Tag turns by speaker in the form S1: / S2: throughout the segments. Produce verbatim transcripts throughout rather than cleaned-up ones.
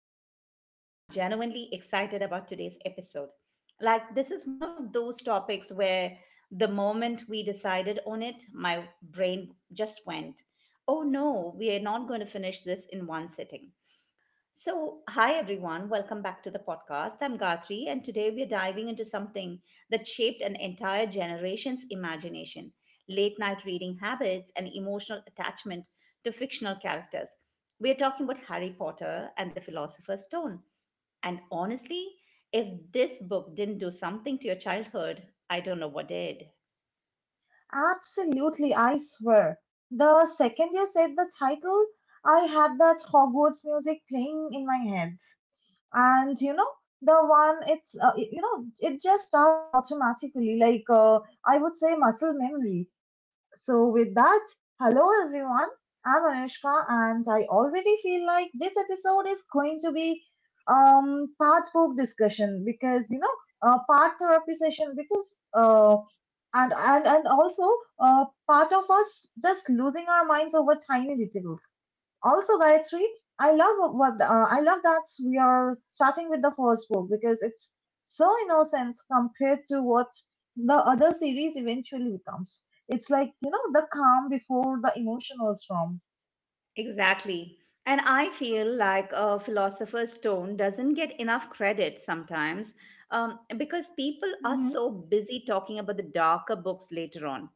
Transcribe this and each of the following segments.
S1: out loud. I'm genuinely excited about today's episode. Like, this is one of those topics where the moment we decided on it, my brain just went, oh no, we are not going to finish this in one sitting. So, hi everyone, welcome back to the podcast. I'm Gayatri, and today we're diving into something that shaped an entire generation's imagination late night reading habits and emotional attachment to fictional characters. We're talking about Harry Potter and the Philosopher's Stone. And honestly, if this book didn't do something to your childhood, I don't know what did.
S2: Absolutely, I swear. The second you said the title, I had that Hogwarts music playing in my head. And you know, the one it's uh, it- you know, it just starts automatically like uh, I would say muscle memory. So, with that, hello everyone. I'm Anushka, and I already feel like this episode is going to be um part book discussion because you know uh, part therapy session because uh and and and also uh part of us just losing our minds over tiny details. Also, Gayatri, I love what uh, I love that we are starting with the first book because it's so innocent compared to what the other series eventually becomes. It's like, you know, the calm before the emotional storm.
S1: Exactly. And I feel like a philosopher's stone doesn't get enough credit sometimes um, because people are
S2: Hmm
S1: so busy talking about the darker books later on.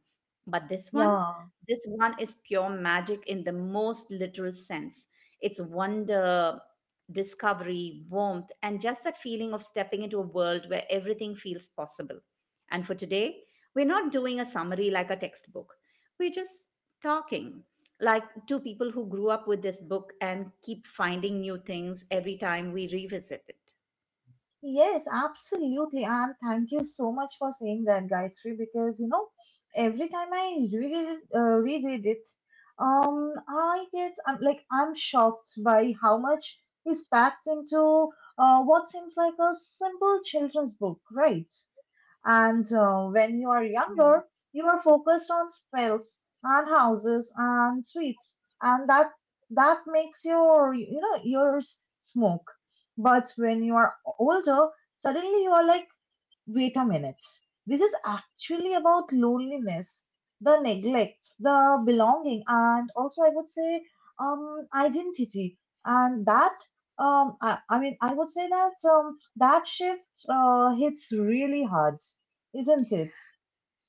S1: But this one,
S2: Yeah.
S1: this one is pure magic in the most literal sense. It's wonder, discovery, warmth, and just that feeling of stepping into a world where everything feels possible. And for today, we're not doing a summary like a textbook, we're just talking like two people who grew up with this book and keep finding new things every time we revisit it.
S2: Yes, absolutely. And thank you so much for saying that, Gayatri, because, you know, every time I read it, uh, reread it, um, I get, I'm like, I'm shocked by how much is packed into uh, what seems like a simple children's book, right? And uh, when you are younger, you are focused on spells and houses and sweets, and that that makes your you know ears smoke. But when you are older, suddenly you are like, wait a minute. This is actually about loneliness, the neglect, the belonging, and also I would say um, identity. And that, um, I, I mean, I would say that um, that shift uh, hits really hard, isn't it?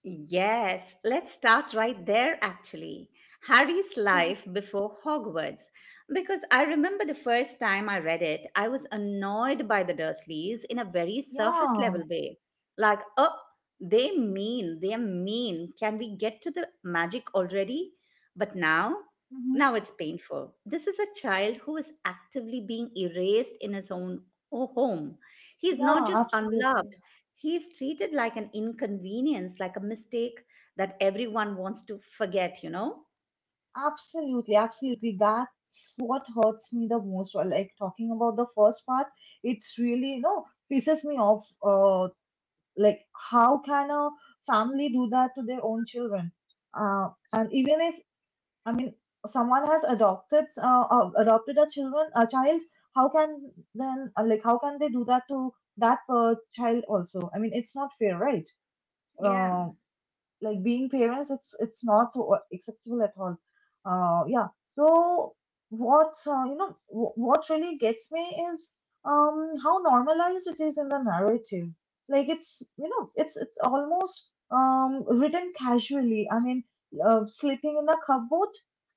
S1: Yes, let's start right there actually. Harry's
S2: Mhm.
S1: life before Hogwarts. Because I remember the first time I read it, I was annoyed by the Dursleys in a very surface
S2: Yeah.
S1: level way. Like, oh, they mean, they're mean. Can we get to the magic already? But now,
S2: hmm
S1: now it's painful. This is a child who is actively being erased in his own home. He's not
S2: Yeah,
S1: just
S2: absolutely.
S1: unloved. He is treated like an inconvenience, like a mistake that everyone wants to forget, you know?
S2: Absolutely, absolutely. That's what hurts me the most. Or like talking about the first part, it's really, you know, pisses me off uh like, how can a family do that to their own children? uh, and even if I mean someone has adopted uh, uh, adopted a children a child, how can then uh, like how can they do that to that uh, child also? I mean, it's not fair, right?
S1: Yeah.
S2: uh, like being parents, it's it's not o- acceptable at all. Uh yeah, so what uh, you know wh- what really gets me is um how normalized it is in the narrative. Like, it's, you know, it's it's almost um written casually. I mean, uh, sleeping in a cupboard,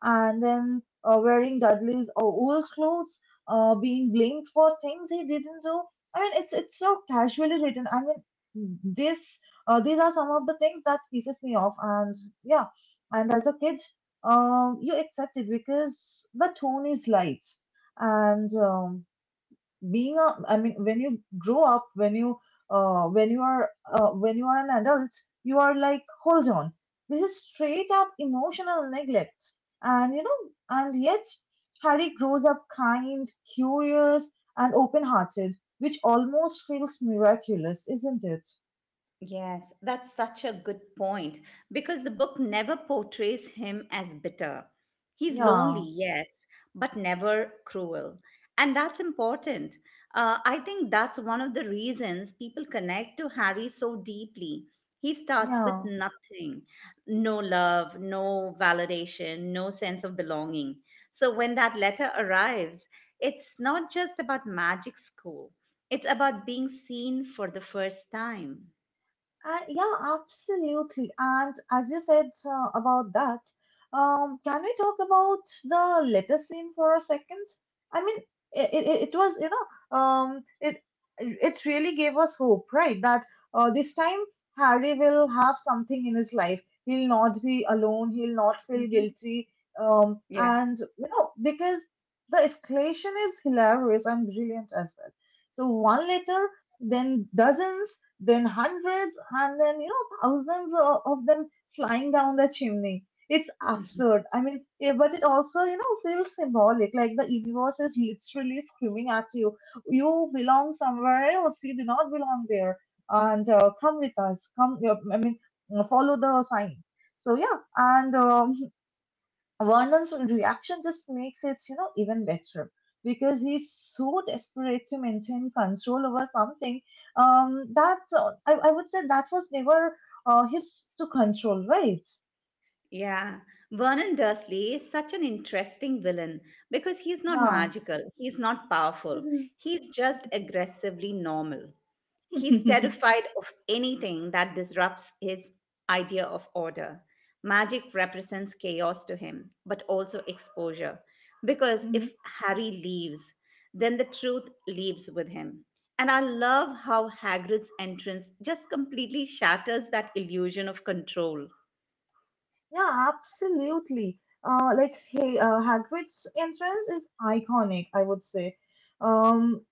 S2: and then uh, wearing Dudley's o- old clothes, uh being blamed for things he didn't do. I mean, it's it's so casually written. I mean, this uh, these are some of the things that pisses me off, and yeah, and as a kid, um, you accept it because the tone is light, and um, being a, I mean, when you grow up, when you uh, when you are uh, when you are an adult, you are like, hold on, this is straight up emotional neglect, and you know, and yet Harry grows up kind, curious, and open-hearted, which almost feels miraculous, isn't it?
S1: Yes, that's such a good point because the book never portrays him as bitter. He's lonely,
S2: Yeah,
S1: yes, but never cruel. And that's important. Uh, I think that's one of the reasons people connect to Harry so deeply. He starts with
S2: Yeah,
S1: nothing no love, no validation, no sense of belonging. So when that letter arrives, it's not just about magic school, it's about being seen for the first time.
S2: and yeah, absolutely. And as you said uh, about that, um, can we talk about the letter scene for a second? I mean, it, it, it was, you know, um, it it really gave us hope, right? That uh, this time Harry will have something in his life. He'll not be alone. He'll not feel
S1: Mhm.
S2: guilty. Um,
S1: Yeah,
S2: and you know, because the escalation is hilarious and brilliant as well. So one letter, then dozens, then hundreds, and then, you know, thousands of, of them flying down the chimney. It's absurd. I mean, eh, but it also, you know, feels symbolic. Like the universe is literally screaming at you, you belong somewhere else. You do not belong there. And uh, come with us. Come, yeah, I mean, follow the sign. So yeah, and um, Vernon's reaction just makes it, you know, even better because he's so desperate to maintain control over something um, that uh, I, I would say that was never uh, his to control, right?
S1: yeah. Vernon Dursley is such an interesting villain because he's not
S2: Yeah.
S1: magical, he's not powerful,
S2: Mhm.
S1: he's just aggressively normal. He's terrified of anything that disrupts his idea of order. Magic represents chaos to him, but also exposure. Because
S2: Mhm.
S1: if Harry leaves, then the truth leaves with him. And I love how Hagrid's entrance just completely shatters that illusion of control.
S2: Yeah, absolutely. Uh, like, hey, uh, Hagrid's entrance is iconic, I would say. Um,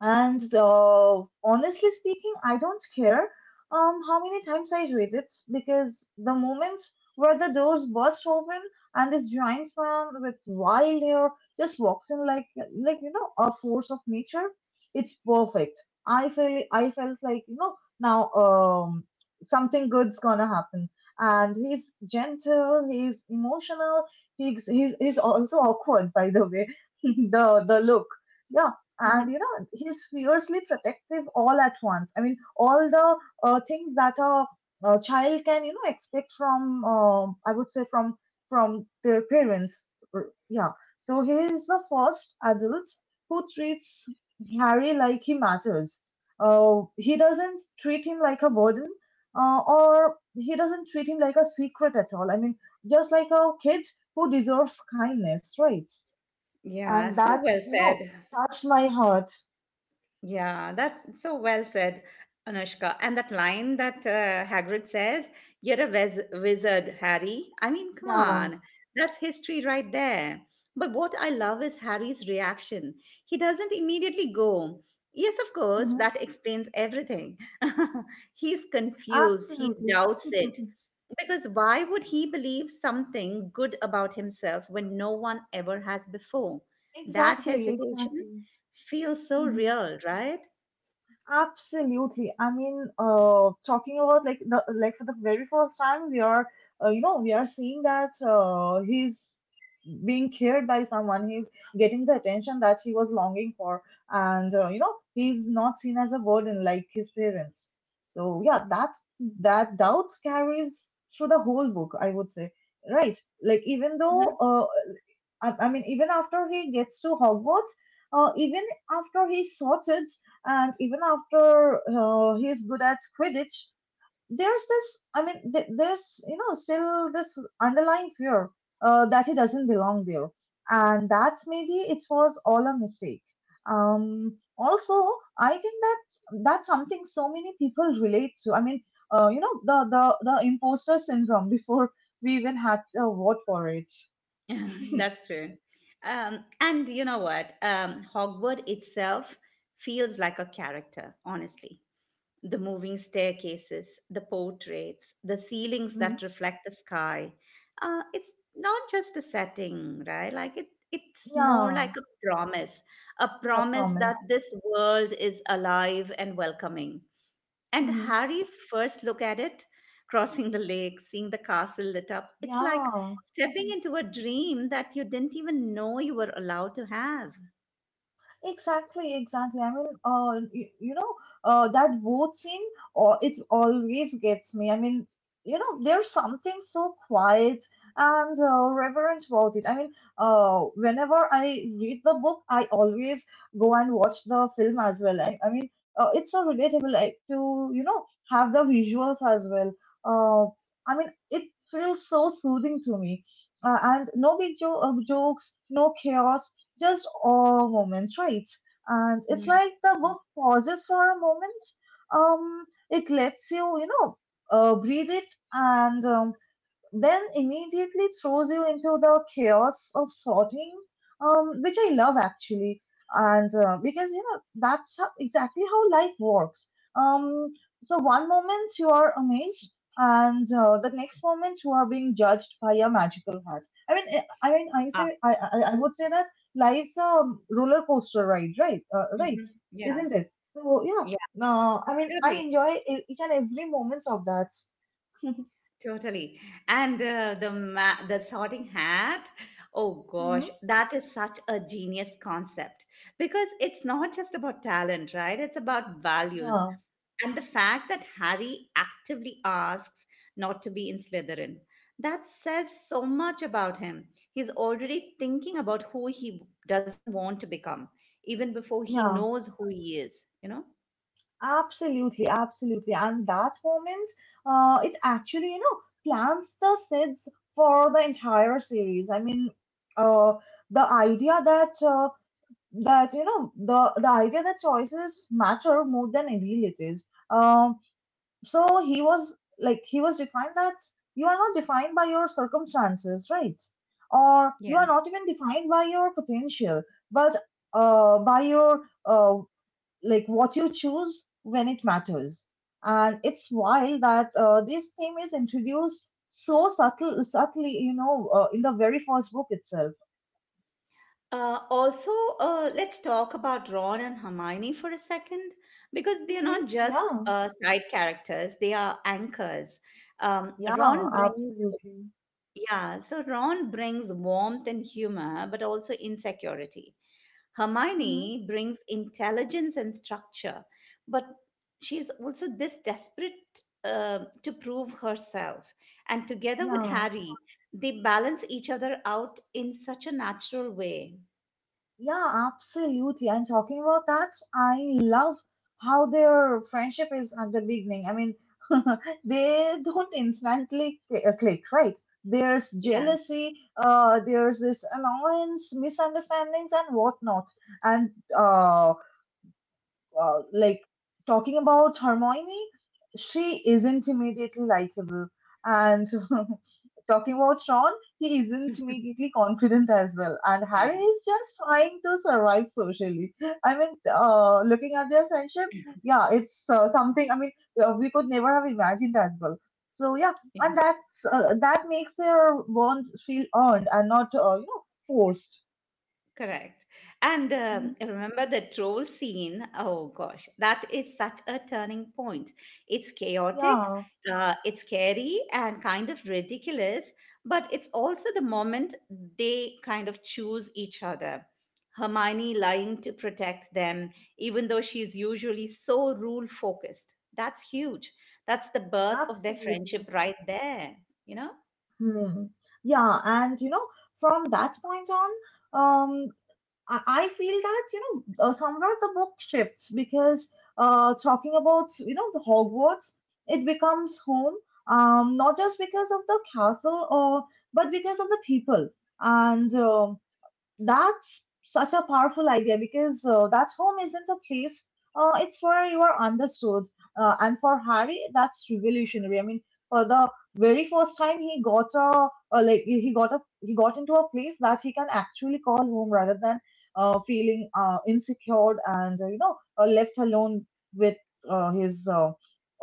S2: And uh, honestly speaking, I don't care um, how many times I read it, because the moment where the doors burst open and this giant man with wild hair just walks in like, like you know, a force of nature, it's perfect. I feel I felt like, you know, now um, something good's gonna happen. And he's gentle, he's emotional, he's he's he's also awkward, by the way. The the look. Yeah, and you know, he's fiercely protective all at once. I mean, all the uh, things that a, a child can, you know, expect from um I would say from from their parents. R- yeah, so he is the first adult who treats Harry like he matters. Uh, he doesn't treat him like a burden, uh, or he doesn't treat him like a secret at all. I mean, just like a kid who deserves kindness, right?
S1: Yeah,
S2: And
S1: so
S2: that,
S1: well
S2: you know,
S1: said.
S2: touched my heart.
S1: Yeah, that so well said, Anushka. And that line that uh, Hagrid says, "You're a wiz- wizard, Harry." I mean, come
S2: Yeah.
S1: on, that's history right there. But what I love is Harry's reaction. He doesn't immediately go, "Yes, of course,
S2: hmm
S1: that explains everything." He's confused. He
S2: Absolutely.
S1: doubts it. Because why would he believe something good about himself when no one ever has before? That
S2: Exactly,
S1: hesitation
S2: exactly.
S1: feels so
S2: Mhm.
S1: real, right?
S2: Absolutely. I mean, uh, talking about like the like for the very first time, we are, uh, you know, we are seeing that uh, he's being cared by someone. He's getting the attention that he was longing for, and uh, you know, he's not seen as a burden like his parents. So yeah, that that doubt carries through the whole book, I would say. Right. Like even though
S1: Mhm.
S2: uh, I, I mean, even after he gets to Hogwarts, uh, even after he's sorted, and even after uh, he's good at Quidditch, there's this. I mean, th- there's you know still this underlying fear uh, that he doesn't belong there, and that maybe it was all a mistake. Um, also, I think that that's something so many people relate to. I mean, uh, you know, the the the imposter syndrome before we even had a word for it.
S1: That's true. Um, and you know what? Um, Hogwarts itself feels like a character, honestly. The moving staircases, the portraits, the ceilings
S2: Mhm.
S1: that reflect the sky. Uh, it's not just a setting, right? Like it, it's more
S2: Yeah.
S1: like a promise, a
S2: Yeah,
S1: promise that
S2: promise.
S1: this world is alive and welcoming. And
S2: Hmm
S1: Harry's first look at it, crossing the lake, seeing the castle lit up, it's like
S2: Yeah.
S1: stepping
S2: Mhm.
S1: into a dream that you didn't even know you were allowed to have.
S2: Exactly, exactly. I mean, uh, you, you know, uh, that boat scene, or it always gets me. I mean, you know, there's something so quiet and uh, reverent about it. I mean, uh, whenever I read the book, I always go and watch the film as well. I, I mean, uh, it's so relatable, like to you know, have the visuals as well. Uh, I mean, it feels so soothing to me. Uh, and no big jo- uh, jokes, no chaos, just all moments, right? And it's
S1: Mm.
S2: like the book pauses for a moment. Um, it lets you, you know, uh, breathe it, and um, then immediately throws you into the chaos of sorting, um, which I love actually. And uh, because you know that's how, exactly how life works. Um, so one moment you are amazed, and uh, the next moment you are being judged by a magical hat. I mean, I I mean, I
S1: Ah,
S2: say I I, I would say that life's a roller coaster ride, right? Uh, right,
S1: mhm. Yeah.
S2: isn't it? So yeah.
S1: Yeah,
S2: No, I mean, I
S1: totally,
S2: enjoy e- each and every moment of that.
S1: totally. And uh, the ma- the sorting hat, oh
S2: Mm-hmm.
S1: gosh, that is such a genius concept because it's not just about talent, right? It's about values.
S2: Yeah,
S1: And the fact that Harry actively asks not to be in Slytherin, that says so much about him. He's already thinking about who he doesn't want to become, even before he
S2: yeah.
S1: knows who he is, you know?
S2: Absolutely, absolutely. And that moment, uh, it actually, you know, plants the seeds for the entire series. I mean, uh, the idea that uh, that you know the the idea that choices matter more than abilities. Um, so he was like he was defined that you are not defined by your circumstances, right? Or you
S1: Yeah.
S2: are not even defined by your potential, but uh, by your uh, like what you choose when it matters. And it's wild that uh, this theme is introduced so subtle, subtly, you know, uh, in the very first book itself.
S1: Uh, also, uh, let's talk about Ron and Hermione for a second, because they're
S2: Hmm
S1: not just
S2: Yeah,
S1: uh, side characters; they are anchors. Um,
S2: yeah,
S1: Ron brings,
S2: absolutely.
S1: yeah, so Ron brings warmth and humor, but also insecurity.
S2: Hmm
S1: Hermione brings intelligence and structure, but she is also this desperate uh, to prove herself. And together with
S2: Yeah.
S1: Harry, they balance each other out in such a natural way.
S2: Yeah, absolutely. And talking about that, I love how their friendship is at the beginning. I mean, they don't instantly cl- uh, click, right? There's
S1: Yeah.
S2: jealousy, uh, there's this annoyance, misunderstandings, and whatnot. And uh, uh, like talking about Hermione, she isn't immediately likable, and talking about Ron, he isn't immediately confident as well. And Harry is just trying to survive socially. I mean, uh, looking at their friendship, yeah, it's uh, something. I mean, uh, we could never have imagined as well. So yeah,
S1: Yeah.
S2: and that's uh, that makes their bonds feel earned and not uh, you know forced.
S1: Correct. And um,
S2: Mhm.
S1: remember the troll scene? Oh gosh, that is such a turning point. It's chaotic,
S2: Yeah,
S1: uh, it's scary, and kind of ridiculous, but it's also the moment they kind of choose each other. Hermione lying to protect them, even though she's usually so rule focused. That's huge. That's the birth of their
S2: absolutely.
S1: friendship right there, you know?
S2: Hmm. Yeah, and you know, from that point on, um, I, I feel that you know uh, somewhere the book shifts because uh, talking about you know the Hogwarts, it becomes home, um, not just because of the castle or but because of the people, and um, that's such a powerful idea because uh, that home isn't a place, uh, it's where you are understood. Uh, and for Harry, that's revolutionary. I mean, for the very first time, he got a, uh, like he got a he got into a place that he can actually call home rather than uh, feeling uh, insecure and uh, you know uh, left alone with uh, his uh,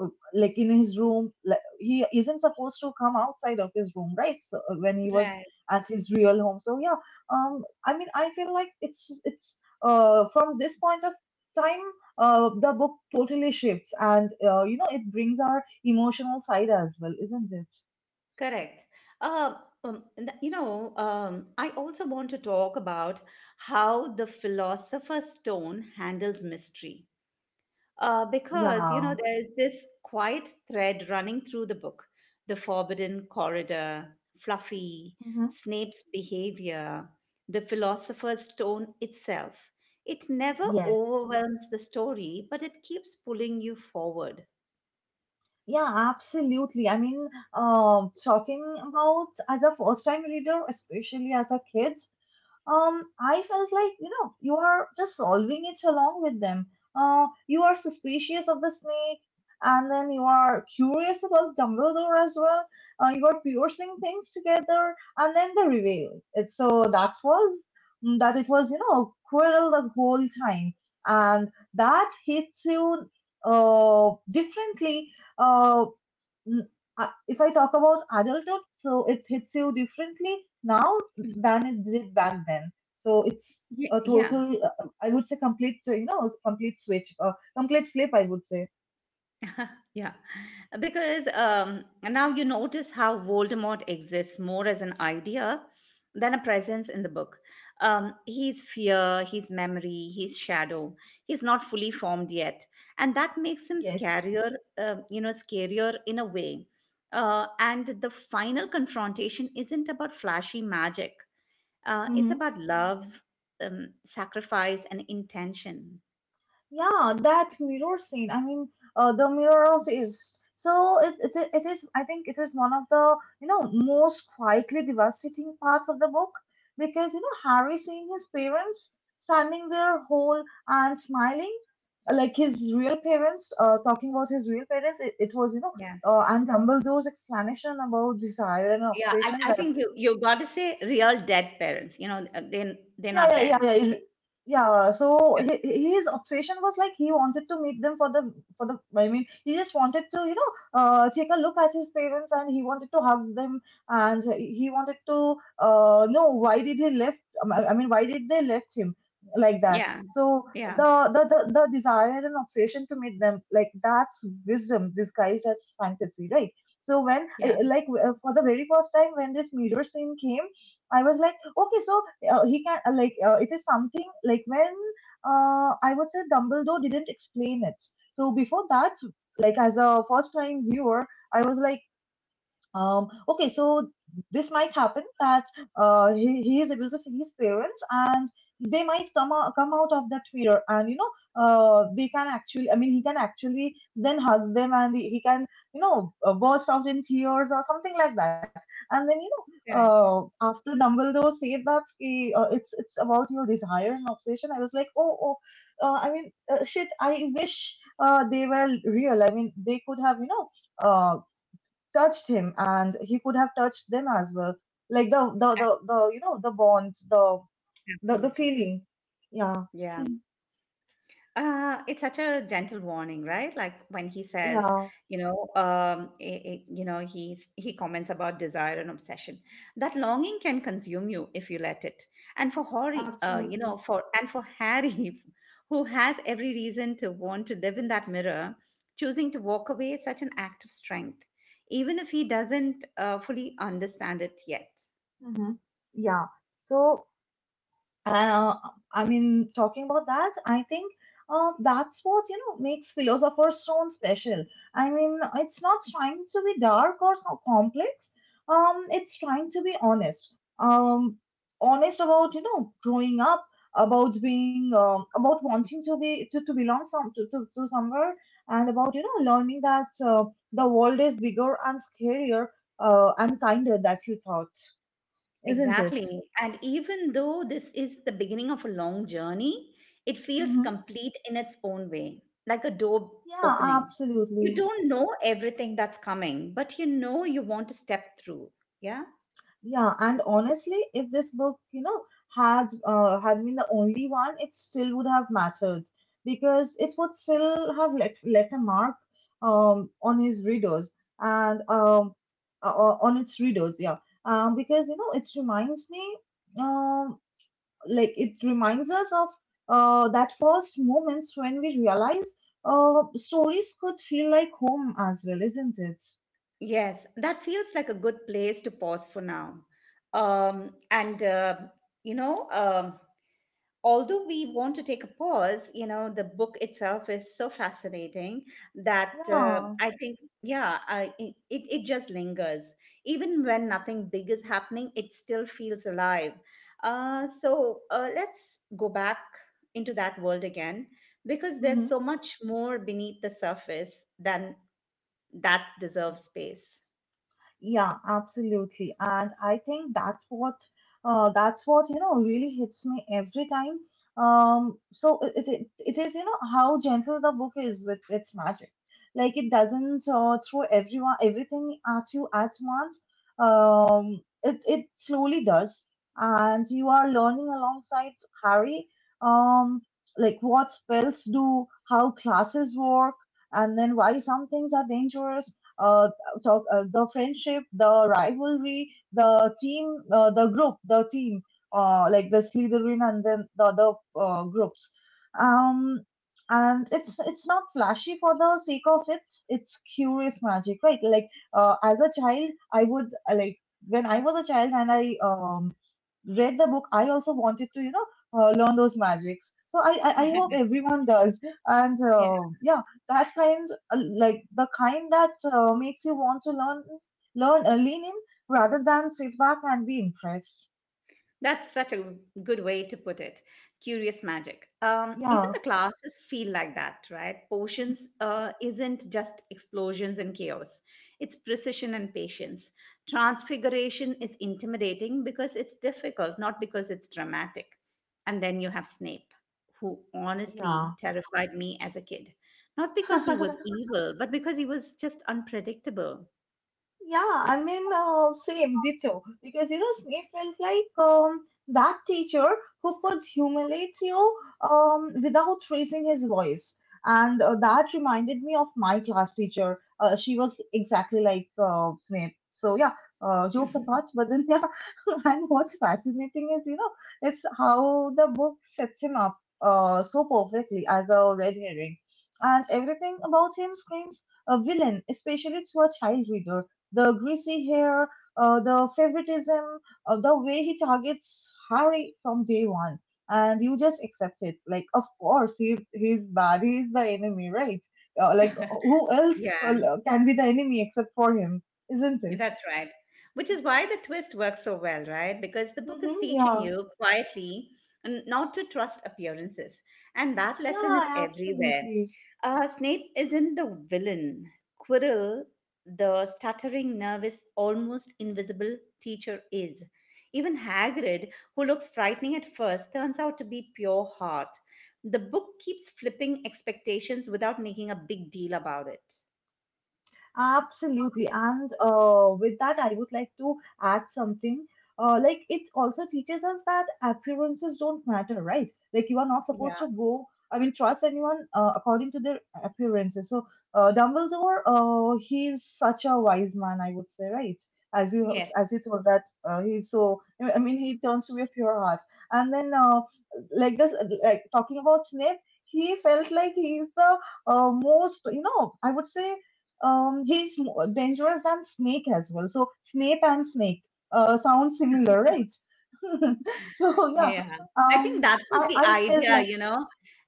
S2: uh, like in his room. Like, he isn't supposed to come outside of his room, right? So uh, when he was at his real home, so yeah um I mean, I feel like it's it's uh, from this point of time, uh, the book totally shifts, and uh, you know, it brings our emotional side as well, isn't it?
S1: Correct. Uh, um, and th- you know, um, I also want to talk about how the philosopher's stone handles mystery. Uh, because, you know,
S2: Yeah.
S1: there's this quiet thread running through the book the forbidden corridor, Fluffy,
S2: Hmm.
S1: Snape's behavior, the philosopher's stone itself. It never
S2: Yes.
S1: overwhelms the story, but it keeps pulling you forward.
S2: Yeah, absolutely. I mean, um, talking about as a first-time reader, especially as a kid, um, I felt like, you know, you are just solving it along with them. Uh, you are suspicious of the snake, and then you are curious about Dumbledore as well. Uh, you are piercing things together, and then the reveal. It, so that was mm, that it was, you know, Quirrell the whole time, and that hits you uh, differently. Uh, n- uh, if I talk about adulthood, so it hits you differently now
S1: Mm.
S2: than it did back then. So it's
S1: Yeah,
S2: a
S1: yeah.
S2: total, uh, I would say, complete, so, you know, complete switch, uh, complete flip, I would say.
S1: Yeah, because um, now you notice how Voldemort exists more as an idea than a presence in the book. Um, he's fear, he's memory, he's shadow. He's not fully formed yet, and that makes him
S2: Yes.
S1: scarier. Uh, you know, scarier in a way. Uh, and the final confrontation isn't about flashy magic. Uh, it's about love, um, sacrifice, and intention.
S2: Yeah, that mirror scene. I mean, uh, the mirror of is so it, it it is. I think it is one of the you know most quietly devastating parts of the book because you know Harry seeing his parents standing there whole and smiling, uh, like his real parents. Uh, talking about his real parents, it, it was you know. Uh, and Dumbledore's explanation about desire and
S1: Yeah, I,
S2: obsession.
S1: I
S2: That's.
S1: think you you got to say real dead parents. You know, uh, they they're
S2: Yeah,
S1: not
S2: yeah, yeah,
S1: there.
S2: yeah. you- Yeah, so hi- hi- his obsession was like he wanted to meet them for the for the, I mean, he just wanted to you know uh take a look at his parents, and he wanted to hug them, and he wanted to uh know why did he left, um, I I mean why did they left him like that.
S1: Yeah, yeah,
S2: So
S1: yeah.
S2: the the the, the desire and obsession to meet them, like, that's wisdom disguised as fantasy, right? So when
S1: yeah.
S2: I- like uh, for the very first time when this mirror scene came, I was like, okay, so uh, he can, uh, like uh, it is something like when, uh, I would say, Dumbledore didn't explain it. So before that, like as a first time viewer, I was like, um, okay, so this might happen that, uh, he, he is able to see his parents, and they might come out, come out of that mirror, and you know uh, they can actually, I mean, he can actually then hug them, and he, he can you know uh, burst out in tears or something like that. And then you know
S1: Correct.
S2: uh, after Dumbledore said that he, uh, it's it's about your desire and obsession, I was like, oh, oh, uh, I mean, uh, shit, I wish uh, they were real. I mean, they could have, you know uh, touched him, and he could have touched them as well, like the the
S1: A-
S2: the, the you know the bonds, the the, the
S1: Absolutely.
S2: feeling. Yeah.
S1: Yeah. Uh, it's such a gentle warning, right? Like when he says,
S2: Yeah,
S1: you know, um, i- i- you know, he's he comments about desire and obsession. That longing can consume you if you let it. And for Harry, uh, you
S2: absolutely.
S1: know, for and for Harry, who has every reason to want to live in that mirror, choosing to walk away is such an act of strength even if he doesn't uh, fully understand it yet.
S2: Hmm. Yeah, so. Uh, I mean, talking about that, I think uh, that's what you know makes Philosopher's Stone special. I mean, it's not trying to be dark or so complex. Um, it's trying to be honest. Um, Honest about you know growing up, about being, um, about wanting to be to, to belong some to, to, to somewhere, and about you know learning that uh, the world is bigger and scarier uh, and kinder that you thought, isn't it?
S1: Exactly. And even though this is the beginning of a long journey, it feels
S2: Mm-hmm.
S1: complete in its own way, like a door
S2: Yeah,
S1: opening. You
S2: absolutely.
S1: don't know everything that's coming, but you know you want to step through. Yeah.
S2: Yeah, and honestly, if this book, you know, had uh, had been the only one, it still would have mattered, because it would still have left left a mark um, on his readers, and um, uh, uh, on its readers. Yeah, um, because, you know, it reminds me, um, like, it reminds us of uh, that first moments when we realize uh, stories could feel like home as well, isn't it?
S1: Yes, that feels like a good place to pause for now. Um, and, uh, you know, um, although we want to take a pause, you know, the book itself is so fascinating that uh,
S2: Yeah.
S1: I think, yeah, I, it, it it just lingers. Even when nothing big is happening, it still feels alive. Uh, so uh, let's go back into that world again because
S2: Mm-hmm.
S1: there's so much more beneath the surface than that deserves space.
S2: Yeah, absolutely. And I think that's what uh, that's what you know really hits me every time. Um, so it, it it is, you know how gentle the book is with its magic. Like, it doesn't uh, throw everyone everything at you at once. Um, it it slowly does, and you are learning alongside Harry. Um, like, what spells do, how classes work, and then why some things are dangerous, uh, talk uh, the friendship, the rivalry, the team, uh, the group, the team, uh, like the Slytherin and then the other uh, groups. Um, and it's it's not flashy for the sake of it. It's curious magic, right? Like, uh, as a child, I would, uh, like when I was a child and I um read the book, I also wanted to, you know, uh, learn those magics. So I, I, I hope everyone does. And uh, yeah, that kind, uh, like the kind that uh, makes you want to learn, learn, uh, lean in rather than sit back and be impressed.
S1: That's such a good way to put it. Curious magic. Um, even
S2: Yeah,
S1: the classes feel like that, right? Potions uh, isn't just explosions and chaos, it's precision and patience. Transfiguration is intimidating because it's difficult, not because it's dramatic. And then you have Snape, who honestly
S2: yeah.
S1: terrified me as a kid. Not because he was evil, but because he was just unpredictable.
S2: Yeah, I mean, uh, same ditto. Because, you know, Snape feels like um that teacher who could humiliate you um without raising his voice, and uh, that reminded me of my class teacher. Uh, she was exactly like uh, Snape. So yeah, uh, jokes apart, but then yeah, and what's fascinating is, you know it's how the book sets him up uh so perfectly as a red herring, and everything about him screams a villain, especially to a child reader: the greasy hair, uh, the favoritism, uh, the way he targets Harry from day one. And you just accept it. Like, of course, he, he's bad. He's the enemy, right? Uh, like, who else
S1: Yeah,
S2: uh, can be the enemy except for him, isn't it?
S1: that's right. Which is why the twist works so well, right? Because the book is
S2: Hmm.
S1: teaching
S2: Yeah.
S1: you quietly n- not to trust appearances. And that lesson
S2: Yeah,
S1: is everywhere.
S2: absolutely.
S1: Uh, Snape isn't the villain. Quirrell, the stuttering, nervous, almost invisible teacher, is. Even Hagrid, who looks frightening at first, turns out to be pure heart. The book keeps flipping expectations without making a big deal about it.
S2: Absolutely. And uh, with that, I would like to add something. Uh, like, it also teaches us that appearances don't matter, right? Like, you are not supposed
S1: Yeah.
S2: to go, I mean, trust anyone uh, according to their appearances. So uh, Dumbledore, uh, he's such a wise man, I would say, right? As you
S1: Yes.
S2: as you told that uh, he's so, I mean, he turns to be a pure heart. And then, uh, like this, like, talking about Snape, he felt like he's the uh, most, you know, I would say, um, he's more dangerous than Snake as well. So Snape and Snake uh, sound similar, right? So yeah,
S1: Yeah, I think
S2: um,
S1: that was
S2: I
S1: the
S2: I felt
S1: idea,
S2: like.
S1: you know.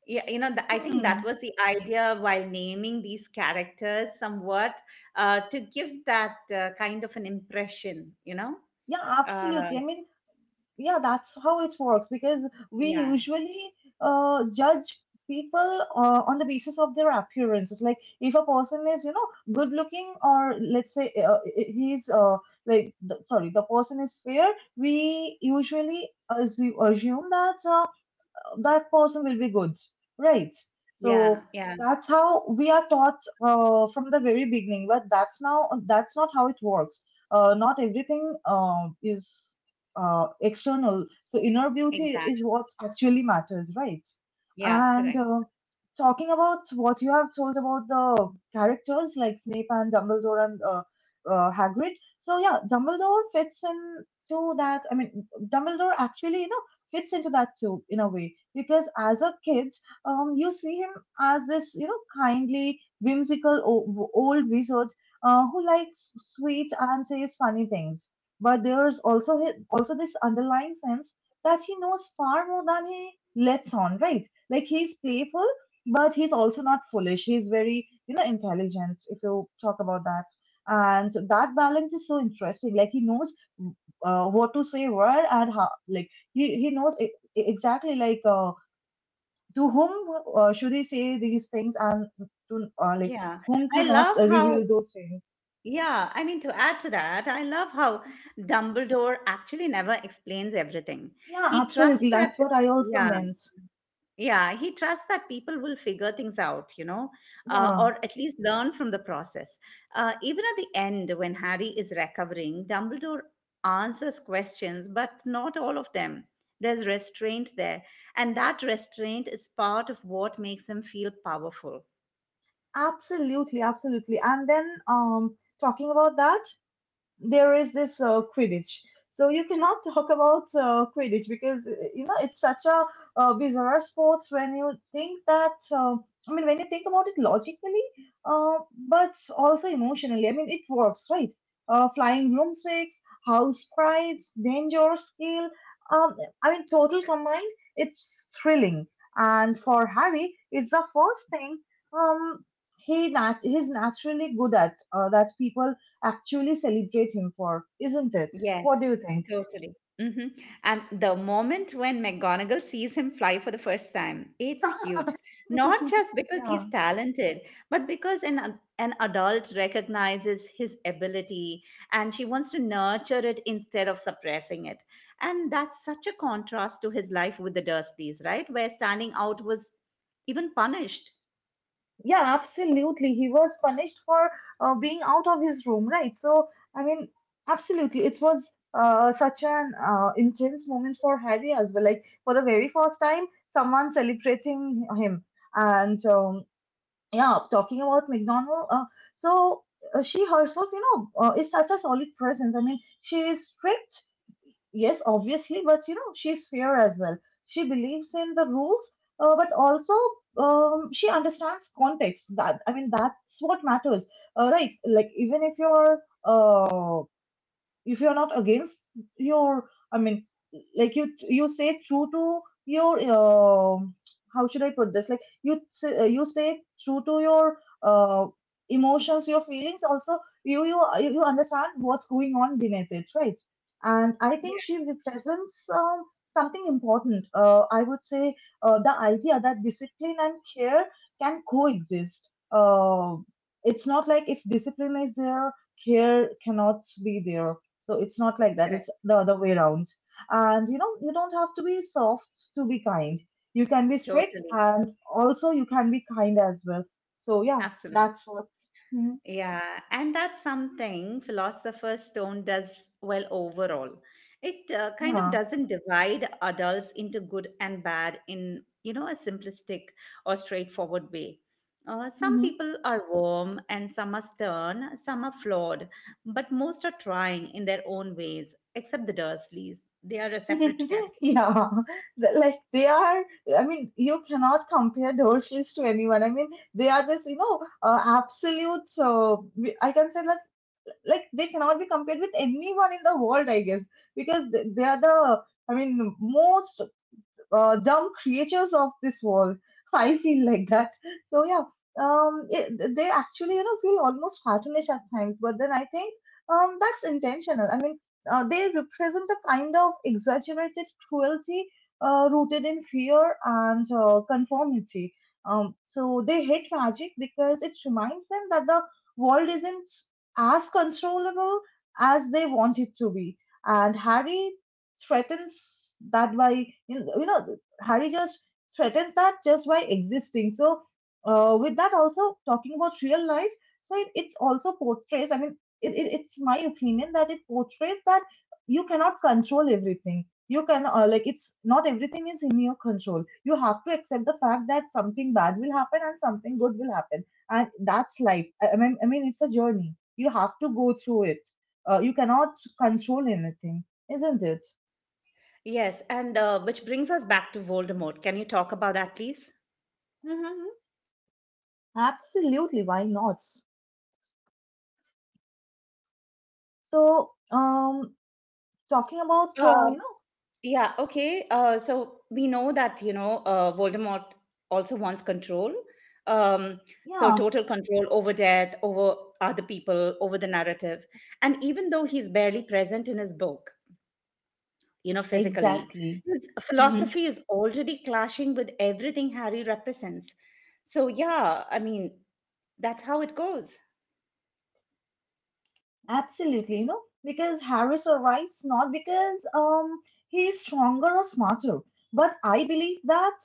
S1: Yeah, you know, th- I think that
S2: Hmm.
S1: was the idea while naming these characters somewhat uh, to give that uh, kind of an impression, you know.
S2: Yeah,
S1: Uh,
S2: absolutely. I mean, yeah, that's how it works because we
S1: yeah,
S2: usually uh, judge people uh, on the basis of their appearances. Like, if a person is, you know good looking, or let's say, uh, he's uh, like the, sorry, the person is fair, we usually assume, assume that. Uh, that person will be good, right?
S1: yeah,
S2: So
S1: yeah,
S2: that's how we are taught uh, from the very beginning. But that's now that's not how it works. Uh, not everything um, is uh, external. So inner beauty is
S1: exactly.
S2: what actually matters, right?
S1: Yeah,
S2: And
S1: correct.
S2: uh, talking about what you have told about the characters like Snape and Dumbledore and uh, uh, Hagrid. So yeah, Dumbledore fits into that. I mean, Dumbledore actually, you know, fits into that too in a way, because as a kid, um, you see him as this, you know, kindly, whimsical o- old wizard uh, who likes sweet and says funny things. But there's also hi- also this underlying sense that he knows far more than he lets on, right? Like, he's playful, but he's also not foolish. He's very, you know, intelligent, if you talk about that, and that balance is so interesting. Like, he knows uh, what to say where and how, like he, he knows e- exactly, like, uh, to whom uh, should he say these things, and to, uh, like
S1: Yeah,
S2: whom to
S1: I
S2: not
S1: love
S2: uh,
S1: how.
S2: reveal those things.
S1: Yeah, I mean, to add to that, I love how Dumbledore actually never explains everything.
S2: Yeah,
S1: He trusts
S2: absolutely.
S1: that.
S2: That's what I also
S1: Yeah,
S2: meant.
S1: yeah, he trusts that people will figure things out, you know, uh,
S2: Yeah,
S1: or at least learn from the process. Uh, even at the end, when Harry is recovering, Dumbledore answers questions, but not all of them. There's restraint there, and that restraint is part of what makes him feel powerful.
S2: absolutely, absolutely. And then, um talking about that, there is this, uh, Quidditch. So you cannot talk about uh, Quidditch, because, uh, you know, it's such a uh, bizarre sport when you think that. Uh, I mean, when you think about it logically, uh, but also emotionally. I mean, it works, right? Uh, flying broomsticks, house prides, danger, skill. Um, I mean, total combined, it's thrilling. And for Harry, it's the first thing, um, he nat- he's naturally good at, uh, that people actually celebrate him for, isn't it?
S1: Yes,
S2: What do you think?
S1: totally. Hmm. And the moment when McGonagall sees him fly for the first time, it's huge. Not just because
S2: Yeah,
S1: he's talented, but because an, ad- an adult recognizes his ability and she wants to nurture it instead of suppressing it. And that's such a contrast to his life with the Dursleys, right? Where standing out was even punished.
S2: yeah, absolutely. He was punished for uh, being out of his room, right? So, I mean, absolutely. It was uh, such an uh, intense moment for Harry as well. Like, for the very first time, someone celebrating him. And um, yeah, talking about McDonald. Uh, so, uh, she herself, you know, uh, is such a solid presence. I mean, she is strict. Yes, obviously, but, you know, she's fair as well. She believes in the rules, uh, but also, um, she understands context. That I mean, that's what matters, uh, right? Like even if you're uh, if you're not against your i mean like you you stay true to your uh, how should I put this like you s- uh, you stay true to your uh, emotions, your feelings, also you you you understand what's going on beneath it, right? And I
S1: Yeah,
S2: think she represents um, something important, uh, I would say, uh, the idea that discipline and care can coexist. uh, it's not like if discipline is there, care cannot be there. So it's not like that. It's
S1: correct.
S2: the other way around. And you know, you don't have to be soft to be kind. You can be strict,
S1: Totally.
S2: and also you can be kind as well. So yeah,
S1: Absolutely.
S2: that's what. Mhm.
S1: Yeah, and that's something Philosopher's Stone does well overall. It uh, kind of
S2: Yeah.
S1: doesn't divide adults into good and bad in, you know, a simplistic or straightforward way. Uh, some
S2: Hmm.
S1: people are warm and some are stern, some are flawed, but most are trying in their own ways, except the Dursleys. They are a separate category.
S2: Yeah. The- Like they are, I mean, you cannot compare Dorsleys to anyone. I mean, they are just, you know, uh, absolute, uh, we- I can say that like they cannot be compared with anyone in the world, I guess, because th- they are the, i mean most uh, dumb creatures of this world. I feel like that. So yeah, um, it, they actually, you know, feel almost cartoonish at times, but then I think um, that's intentional. I mean, uh, they represent a kind of exaggerated cruelty, uh, rooted in fear and uh, conformity. Um, so they hate magic because it reminds them that the world isn't as controllable as they want it to be. And Harry threatens that by, you know, you know, Harry just threatens that just by existing. So uh, with that, also talking about real life, so it, it also portrays, i mean it, it, it's my opinion that it portrays that you cannot control everything. You can uh, like, it's not everything is in your control. You have to accept the fact that something bad will happen and something good will happen, and that's life. i, I mean, i mean it's a journey, you have to go through it. Uh, you cannot control anything, isn't it?
S1: Yes, and uh, which brings us back to Voldemort. Can you talk about that, please?
S2: Hmm. Absolutely, why not? So, um, talking about, uh,
S1: Uh,
S2: you know,
S1: Yeah, okay. Uh, so we know that, you know, uh, Voldemort also wants control. Um, so
S2: yeah,
S1: total control over death, over other people, over the narrative. And even though he's barely present in his book, you know, physically,
S2: exactly.
S1: his
S2: Hmm.
S1: philosophy is already clashing with everything Harry represents. So, yeah, I mean, that's how it goes.
S2: Absolutely, you know, because Harry survives not because um he is stronger or smarter, but I believe that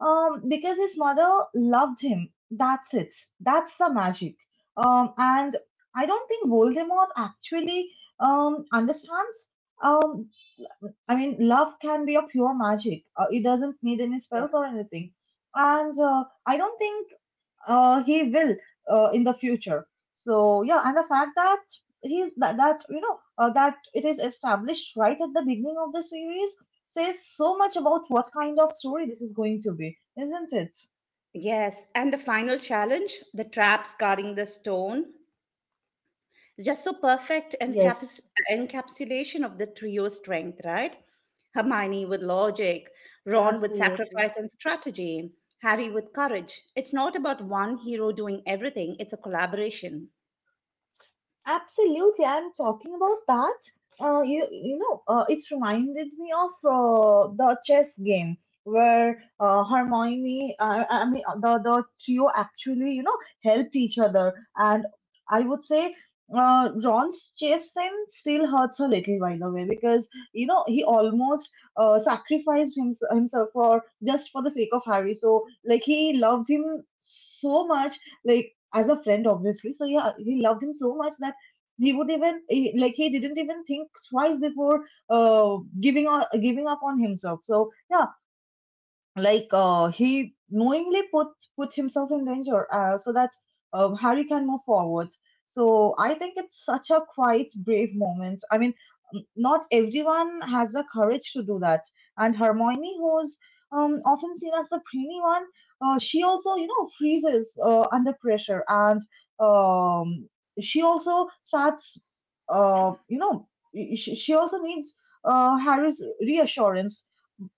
S2: um because his mother loved him. That's it. That's the magic. Um, and I don't think Voldemort actually um understands. um I mean, love can be a pure magic. Uh, it doesn't need any
S1: Yeah.
S2: spells or anything. And uh, I don't think uh, he will, uh, in the future. So yeah, and the fact that he that, that, you know, uh, that it is established right at the beginning of the series says so much about what kind of story this is going to be, isn't it?
S1: Yes. And the final challenge the traps guarding the stone. Just so perfect encaps-
S2: Yes,
S1: encapsulation of the trio's strength, right? Hermione with logic, Ron with
S2: absolutely.
S1: sacrifice and strategy, Harry with courage. It's not about one hero doing everything, it's a collaboration.
S2: Absolutely, I'm talking about that. Uh, you you know, uh, it reminded me of uh, the chess game where uh, Hermione, I, I mean, uh, the the trio actually, you know, helped each other, and I would say uh, Ron's chess sin still hurts a little, by the way, because you know he almost uh, sacrificed hims himself for, just for the sake of Harry. So like he loved him so much, like as a friend, obviously. So yeah, he loved him so much that he would even he, like he didn't even think twice before uh, giving on, giving up on himself. So yeah, like uh, he knowingly put put himself in danger uh, so that um, Harry can move forward. So I think it's such a quite brave moment. I mean, n- not everyone has the courage to do that. And Hermione, who's um, often seen as the brainy one, uh, she also, you know, freezes uh, under pressure, and um, she also starts uh, you know she, she also needs uh, Harry's reassurance,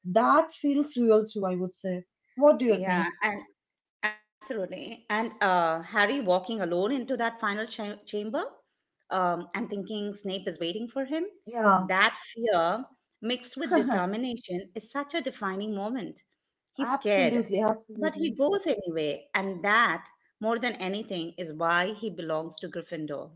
S2: that feels real too, I would say. What do you
S1: Yeah,
S2: think?
S1: and absolutely. And uh, Harry walking alone into that final cha- chamber um, and thinking Snape is waiting for him,
S2: Yeah,
S1: that fear mixed with determination is such a defining moment. He's scared,
S2: absolutely,
S1: but he
S2: absolutely.
S1: goes anyway. And that, more than anything, is why he belongs to Gryffindor.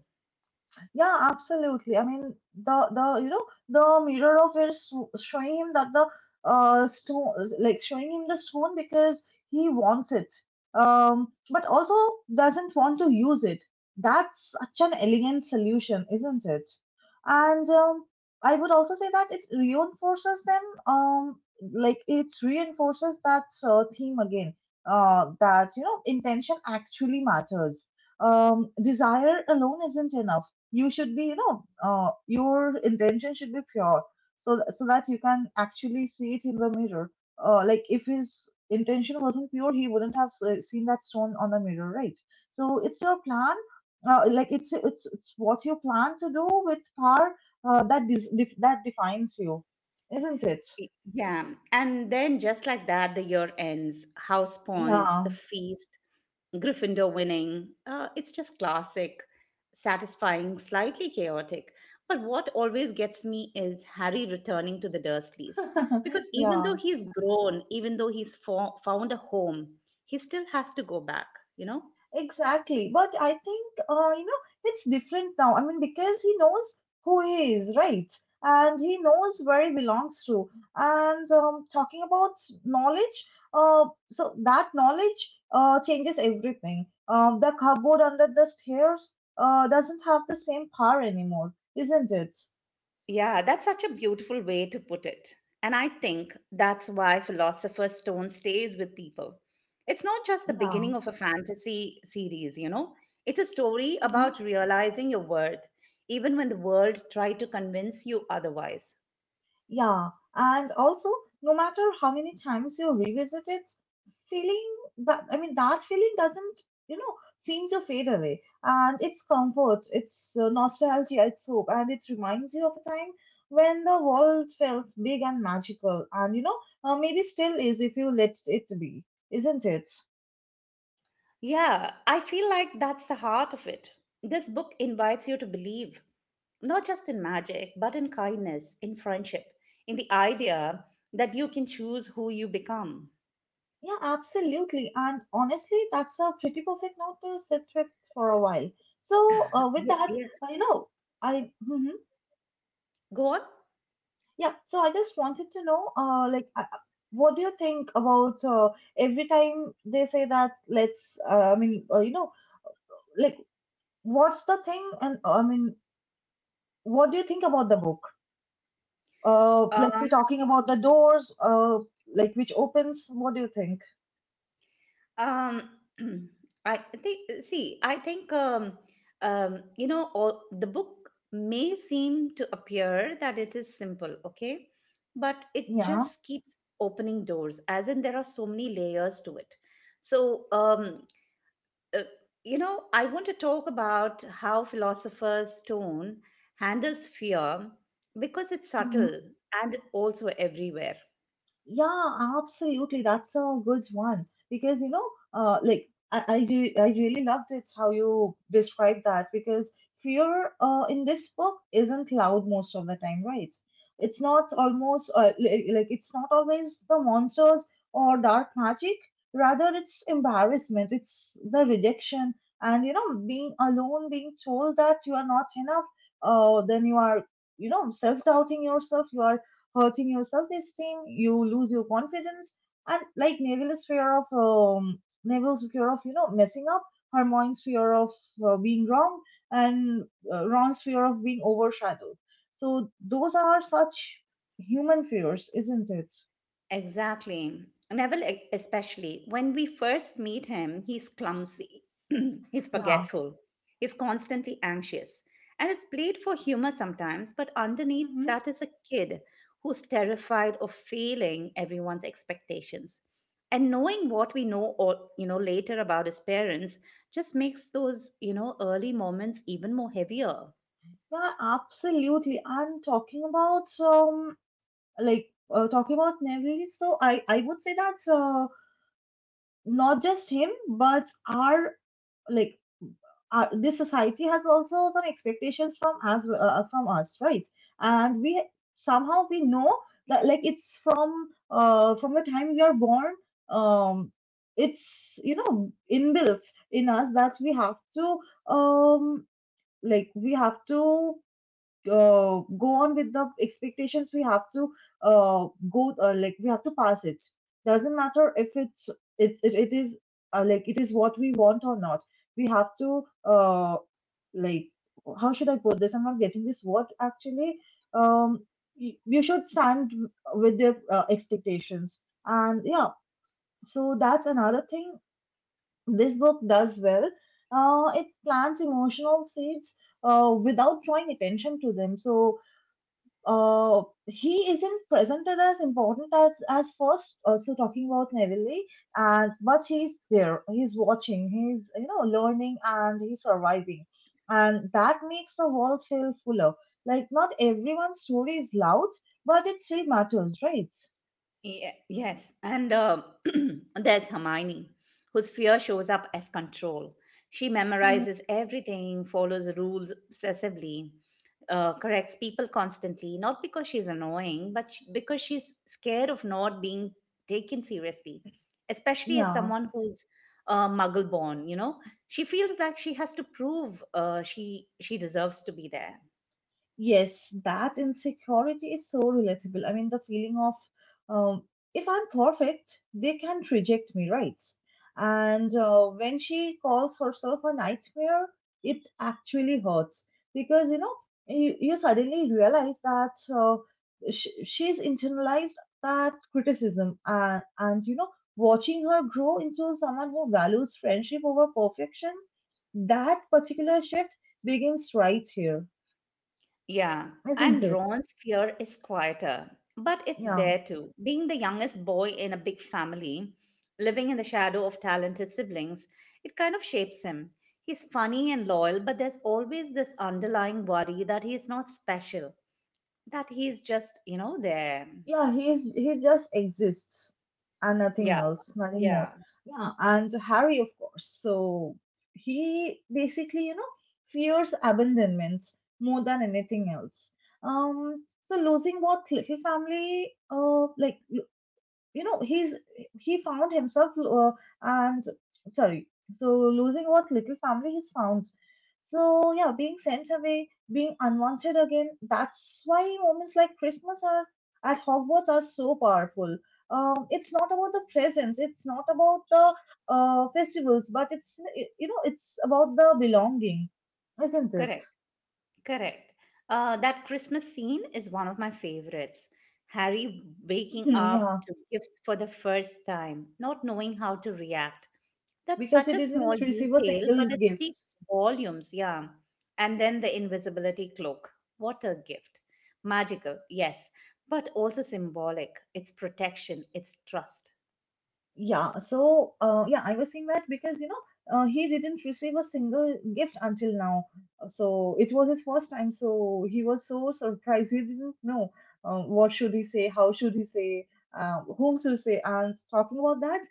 S2: Yeah, absolutely. I mean, the the you know the mirror of it is so, showing him that the uh stone, like showing him the stone because he wants it, um, but also doesn't want to use it. That's such an elegant solution, isn't it? And um, I would also say that it reinforces them. Um, like it reinforces that uh, theme again. Uh, that you know intention actually matters, um, desire alone isn't enough. You should be, you know, uh, your intention should be pure, so th- so that you can actually see it in the mirror. Uh, like if his intention wasn't pure, he wouldn't have s- seen that stone on the mirror, right? So it's your plan, uh, like it's, it's it's what you plan to do with power, uh, that dis- def- that defines you, isn't it?
S1: Yeah, and then just like that, the year ends. House points,
S2: Yeah.
S1: the feast, Gryffindor winning. Uh, it's just classic, satisfying, slightly chaotic. But what always gets me is Harry returning to the Dursleys. Because even
S2: Yeah.
S1: though he's grown, even though he's fo- found a home, he still has to go back, you know?
S2: Exactly. But I think, uh, you know, it's different now. I mean, because he knows who he is, right? And he knows where he belongs to. And um, talking about knowledge, uh, so that knowledge uh, changes everything. Um, the cupboard under the stairs uh, doesn't have the same power anymore, isn't it?
S1: Yeah, that's such a beautiful way to put it. And I think that's why Philosopher's Stone stays with people. It's not just the
S2: Yeah.
S1: beginning of a fantasy series, you know, it's a story
S2: Mm-hmm.
S1: about realizing your worth, even when the world tried to convince you otherwise.
S2: Yeah, and also, no matter how many times you revisit it, feeling that, I mean that feeling doesn't, you know, seem to fade away, and it's comfort, it's uh, nostalgia, it's hope, and it reminds you of a time when the world felt big and magical, and you know uh, maybe still is, if you let it be, isn't it?
S1: Yeah, I feel like that's the heart of it. This book invites you to believe, not just in magic, but in kindness, in friendship, in the idea that you can choose who you become.
S2: Yeah, absolutely, and honestly, that's a pretty perfect note to sit with for a while. So, uh, with
S1: Ye-
S2: that,
S1: Yeah.
S2: uh, you know, I.
S1: Go on.
S2: Yeah, so I just wanted to know, uh, like, uh, uh, what do you think about uh, every time they say that let's, uh, I mean, uh, you know, like, what's the thing, and uh, I mean, what do you think about the book? Uh, let's say
S1: Um,
S2: talking about the doors, uh, like which opens. What do you think?
S1: um, I think, uh, see, I think, um, um, you know, all, the book may seem to appear that it is simple, okay? But it
S2: Yeah.
S1: just keeps opening doors, as in there are so many layers to it. So, um, uh, you know, I want to talk about how philosopher's Stone handles fear because it's
S2: Mm-hmm.
S1: subtle and also everywhere.
S2: Yeah, absolutely. That's a good one, because you know, uh, like I, I, re- I really loved it how you described that, because fear, uh, in this book isn't loud most of the time, right? It's not almost uh, li- like it's not always the monsters or dark magic. Rather, it's embarrassment, it's the rejection, and you know, being alone, being told that you are not enough, uh, then you are, you know, self-doubting yourself, you are hurting your self-esteem, you lose your confidence, and like Neville's fear of um, Neville's fear of, you know, messing up, Hermione's fear of uh, being wrong, and uh, Ron's fear of being overshadowed. So those are such human fears, isn't it?
S1: Exactly. Neville, e- especially when we first meet him, he's clumsy, he's
S2: Yeah.
S1: forgetful, he's constantly anxious. And it's played for humor sometimes, but underneath
S2: Hmm.
S1: that is a kid who's terrified of failing everyone's expectations. And knowing what we know or you know later about his parents just makes those, you know, early moments even more heavier.
S2: Yeah, absolutely. I'm talking about um like uh, talking about Neville. So I I would say that uh, not just him, but our, like, uh, this society has also some expectations from us uh, uh, from us, right? And we, somehow we know that, like it's from uh, from the time we are born, um it's you know inbuilt in us that we have to um like we have to uh, go on with the expectations. We have to uh, go uh, like we have to pass it, doesn't matter if it's it it, it is uh, like it is what we want or not. We have to uh, like, how should I put this, I'm not getting this word actually. um y- you should stand with their uh, expectations. And yeah, so that's another thing this book does well. Uh, it plants emotional seeds uh, without drawing attention to them. So uh, he isn't presented as important as, as first. Uh, so talking about Neville, and but he's there. He's watching. He's, you know, learning, and he's surviving, and that makes the world feel fuller. Like not everyone's story is loud, but it still matters, right?
S1: Ye- Yes, and uh, there's Hermione, whose fear shows up as control. She
S2: Mhm.
S1: memorizes everything, follows rules obsessively, uh, corrects people constantly, not because she's annoying, but sh- because she's scared of not being taken seriously, especially as
S2: Yeah.
S1: someone who's uh, muggle born, you know? She feels like she has to prove uh, she she deserves to be there.
S2: Yes, that insecurity is so relatable. I mean, the feeling of, um, if I'm perfect, they can't reject me, right? And uh, when she calls herself a nightmare, it actually hurts because you know you, you suddenly realize that uh, sh- she's internalized that criticism, and and you know, watching her grow into someone who values friendship over perfection, that particular shift begins right here,
S1: Yeah,
S2: isn't
S1: and
S2: it?
S1: Ron's fear is quieter, but it's
S2: Yeah,
S1: there too. Being the youngest boy in a big family, living in the shadow of talented siblings, it kind of shapes him. He's funny and loyal, but there's always this underlying worry that he's not special, that he's just, you know, there.
S2: yeah, he's he just exists, and nothing
S1: Yeah,
S2: else, nothing more.
S1: yeah,
S2: Yeah, and Harry, of course. So he basically, you know, fears abandonment more than anything else. Um, so losing what little family, uh, like you know he's he found himself, uh, and sorry so losing what little family he's found. So yeah, being sent away, being unwanted again, that's why moments like Christmas are at Hogwarts are so powerful. Um, it's not about the presents, it's not about the uh, festivals, but it's, you know, it's about the belonging, isn't it?
S1: correct, correct. Uh, that Christmas scene is one of my favorites. Harry waking up
S2: Yeah,
S1: to gifts for the first time, not knowing how to react. That's
S2: because
S1: such
S2: he
S1: a small
S2: didn't receive a
S1: detail,
S2: single
S1: but it
S2: gift.
S1: speaks volumes, yeah. And then the invisibility cloak. What a gift. Magical, yes, but also symbolic. It's protection, it's trust.
S2: Yeah, so uh, yeah, I was saying that because you know uh, he didn't receive a single gift until now. Uh, So it was his first time, so he was so surprised. He didn't know uh, what should he say, how should he say, uh, whom to say. And talking about that,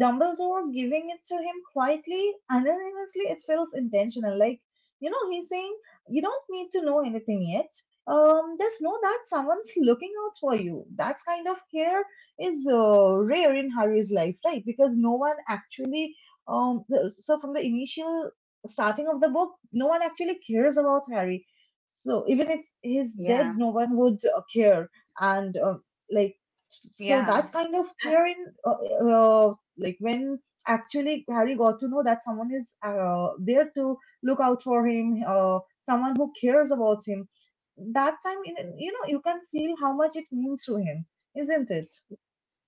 S2: Dumbledore giving it to him quietly, anonymously. It feels intentional, like you know he's saying you don't need to know anything yet. Um, just know that someone's looking out for you. That's kind of care is uh, rare in Harry's life, right? Because no one actually, um, the- so from the initial starting of the book, no one actually cares about Harry. So even if he's
S1: Yeah,
S2: dead, no one would uh, care. And uh, like, so
S1: yeah.
S2: that kind of care in, uh, uh, like when actually Harry got to know that someone is uh, there to look out for him, uh, someone who cares about him. That time, in- you know, you can feel how much it means to him, isn't it?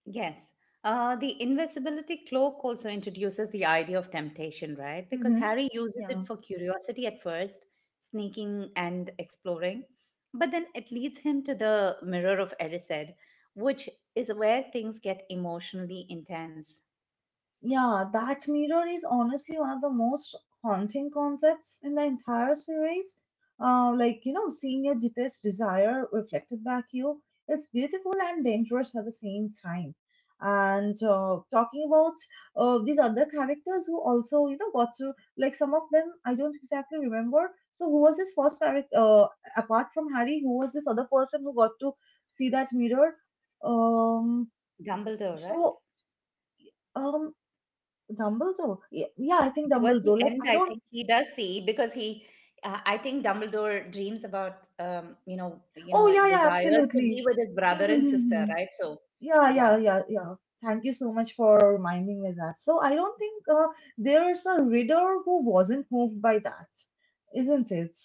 S1: Yes. Uh, the invisibility cloak also introduces the idea of temptation, right? Because
S2: Hmm.
S1: Harry uses
S2: Yeah,
S1: it for curiosity at first, sneaking and exploring. But then it leads him to the mirror of Erised, which is where things get emotionally intense.
S2: yeah, that mirror is honestly one of the most haunting concepts in the entire series. Uh, like, you know, seeing your deepest desire reflected back you, it's beautiful and dangerous at the same time. And uh, talking about uh, these other characters who also, you know, got to, like, some of them I don't exactly remember. So, who was this first character, uh, apart from Harry, who was this other person who got to see that mirror? Um,
S1: Dumbledore, right?
S2: so. Um, Dumbledore? Y- Yeah, I think
S1: Towards the
S2: Dumbledore. Like,
S1: end,
S2: I
S1: I
S2: don't.
S1: think he does see because he, uh, I think Dumbledore dreams about, um, you know, you
S2: Oh,
S1: know,
S2: yeah, yeah,
S1: desires to be
S2: absolutely.
S1: with his brother
S2: Hmm, hmm,
S1: and
S2: hmm,
S1: sister,
S2: hmm.
S1: right? So,
S2: Yeah, yeah,
S1: yeah,
S2: yeah, yeah. Thank you so much for reminding me that. So, I don't think uh, there's a reader who wasn't moved by that, isn't it?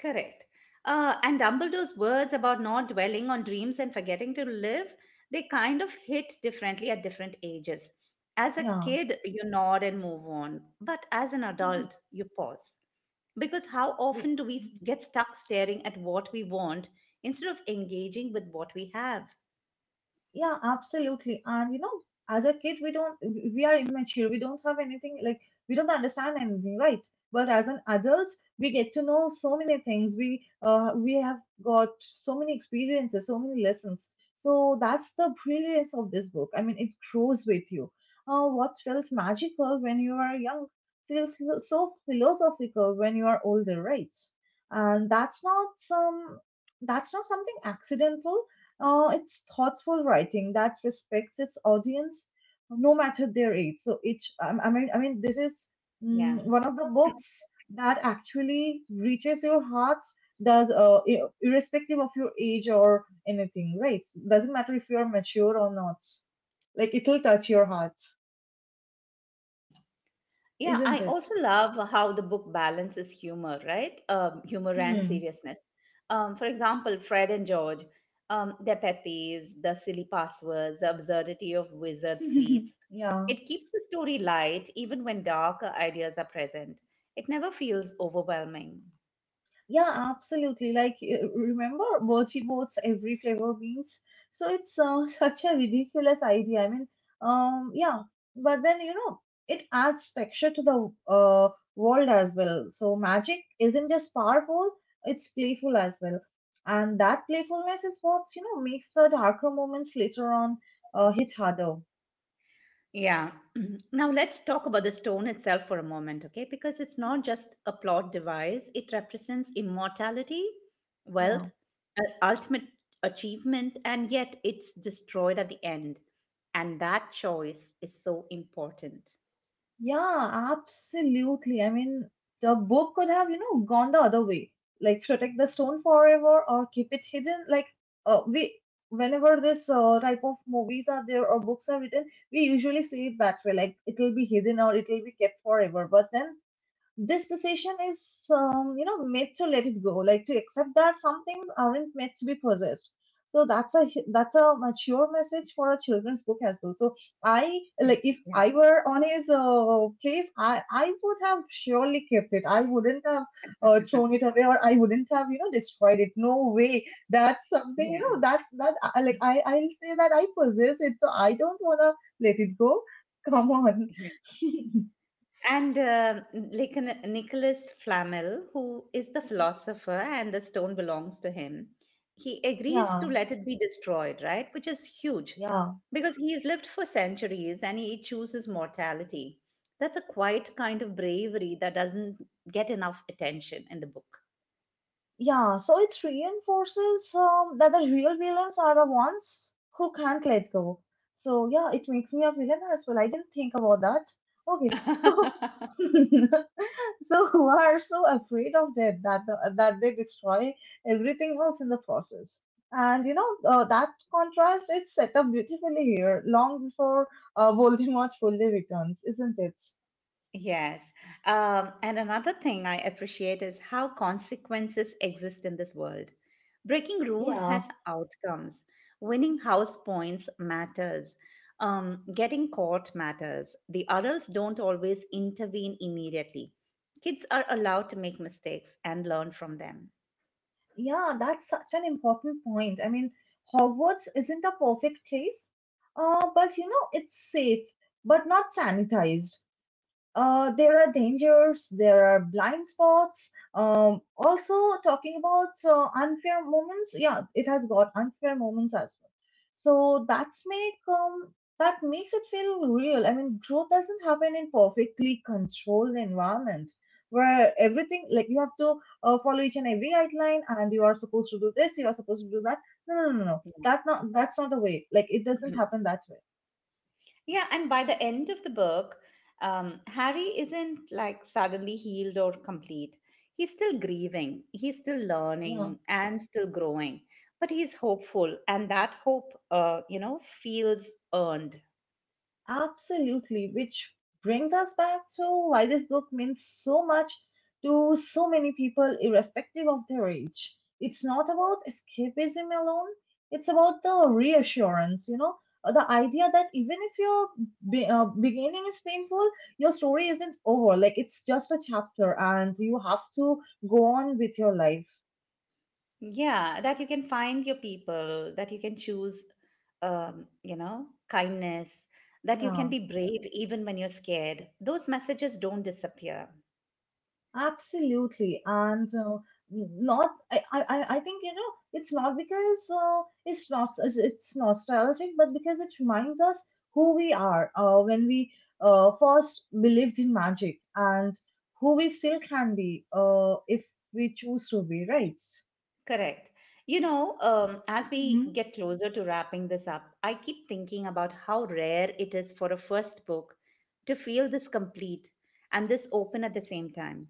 S1: correct. Uh, and Dumbledore's words about not dwelling on dreams and forgetting to live, they kind of hit differently at different ages. As a
S2: Yeah.
S1: kid, you nod and move on, but as an
S2: Mhm.
S1: adult, you pause. Because how often do we s- get stuck staring at what we want instead of engaging with what we have?
S2: Yeah, absolutely. And you know, as a kid, we don't, we are immature. We don't have anything, like, we don't understand anything, right? But as an adult, we get to know so many things. We, uh, we have got so many experiences, so many lessons. So that's the brilliance of this book. I mean, it grows with you. Uh, what felt magical when you are young feels so so philosophical when you are older, right? And that's not some, that's not something accidental, uh, it's thoughtful writing that respects its audience, no matter their age. So it, I I mean, I mean, this is
S1: Yeah.
S2: mm, one of the books that actually reaches your heart, does uh, i- irrespective of your age or anything, right? Doesn't matter if you are mature or not. Like it will touch your heart,
S1: Yeah, I
S2: isn't it?
S1: also love how the book balances humor, right? Um, humor and
S2: Hmm.
S1: seriousness. Um, for example, Fred and George, um, their pet peeves, the silly passwords, the absurdity of wizard sweets.
S2: Yeah.
S1: It keeps the story light even when darker ideas are present. It never feels overwhelming.
S2: Yeah, absolutely. Like, uh, remember Bocce Boat's every flavor beans? So it's uh, such a ridiculous idea. I mean, um, yeah, but then you know, it adds texture to the uh, world as well. So magic isn't just powerful; it's playful as well, and that playfulness is what you know makes the darker moments later on uh, hit harder.
S1: Yeah. Mhm. Now let's talk about the stone itself for a moment, okay? Because it's not just a plot device, it represents immortality,
S2: Yeah.
S1: wealth, uh, ultimate achievement, and yet it's destroyed at the end. And that choice is so important.
S2: Yeah, absolutely. I mean, the book could have, you know, gone the other way, like protect the stone forever or keep it hidden. Like, uh, we, whenever this uh, type of movies are there or books are written, we usually say it that way, like it will be hidden or it will be kept forever. But then this decision is um, you know made to let it go, like to accept that some things aren't meant to be possessed. So that's a hu- that's a mature message for a children's book as well. So I like, if
S1: Yeah.
S2: I were on his uh, case, i i would have surely kept it. I wouldn't have uh, thrown it away, or I wouldn't have you know destroyed it. No way. That's something you
S1: Yeah.
S2: know that that I, like i i'll say that I possess it, so I don't want to let it go. Come on.
S1: And uh, like a Nicholas Flamel, who is the philosopher, and the stone belongs to him, he agrees to
S2: Yeah,
S1: let it be destroyed, right? Which is huge
S2: yeah.
S1: because he's lived for centuries and he chooses mortality. That's a quiet kind of bravery that doesn't get enough attention in the book.
S2: Yeah, so it reinforces um, that the real villains are the ones who can't let go. So yeah, it makes me a villain as well. I didn't think about that. Okay, so so who are so afraid of death that that they destroy everything else in the process. And you know uh, that contrast is set up beautifully here, long before uh, Voldemort fully returns, isn't it?
S1: Yes. Um, and another thing I appreciate is how consequences exist in this world. Breaking rules has
S2: Yeah.
S1: outcomes. Winning house points matters. Um, getting caught matters. The adults don't always intervene immediately. Kids are allowed to make mistakes and learn from them.
S2: Yeah, that's such an important point. I mean, Hogwarts isn't a perfect place, uh, but you know, it's safe, but not sanitized. Uh, there are dangers, there are blind spots. Um, also, talking about uh, unfair moments, yeah, it has got unfair moments as well. So that's make um, that makes it feel real. I mean, growth doesn't happen in perfectly controlled environment where everything, like you have to uh, follow each and every guideline, and you are supposed to do this, you are supposed to do that. No, no, no, no, no. That not that's not the way. Like it doesn't
S1: Yeah.
S2: happen that
S1: Yeah, and by the end of the book, um, Harry isn't like suddenly healed or complete. He's still grieving, he's still
S2: way.
S1: learning and still growing, but he's hopeful, and that hope, uh, you know, feels earned.
S2: Absolutely, which brings us back to why this book means so much to so many people, irrespective of their age. It's not about escapism alone, it's about the reassurance, you know, uh, the idea that even if your be- uh, beginning is painful, your story isn't over. Like, it's just a chapter, and you have to go on with your life.
S1: Yeah, that you can find your people, that you can choose, um, you know, kindness, that you can
S2: Yeah.
S1: be brave even when you're scared. Those messages don't disappear.
S2: Absolutely, and uh, not. I, I, I I think you know it's not because uh, it's not it's it's nostalgic, but because it reminds us who we are uh, when we uh, first believed in magic, and who we still can be uh, if we choose to be, right?
S1: Correct. You know, um, as we
S2: Hmm.
S1: get closer to wrapping this up, I keep thinking about how rare it is for a first book to feel this complete and this open at the same time.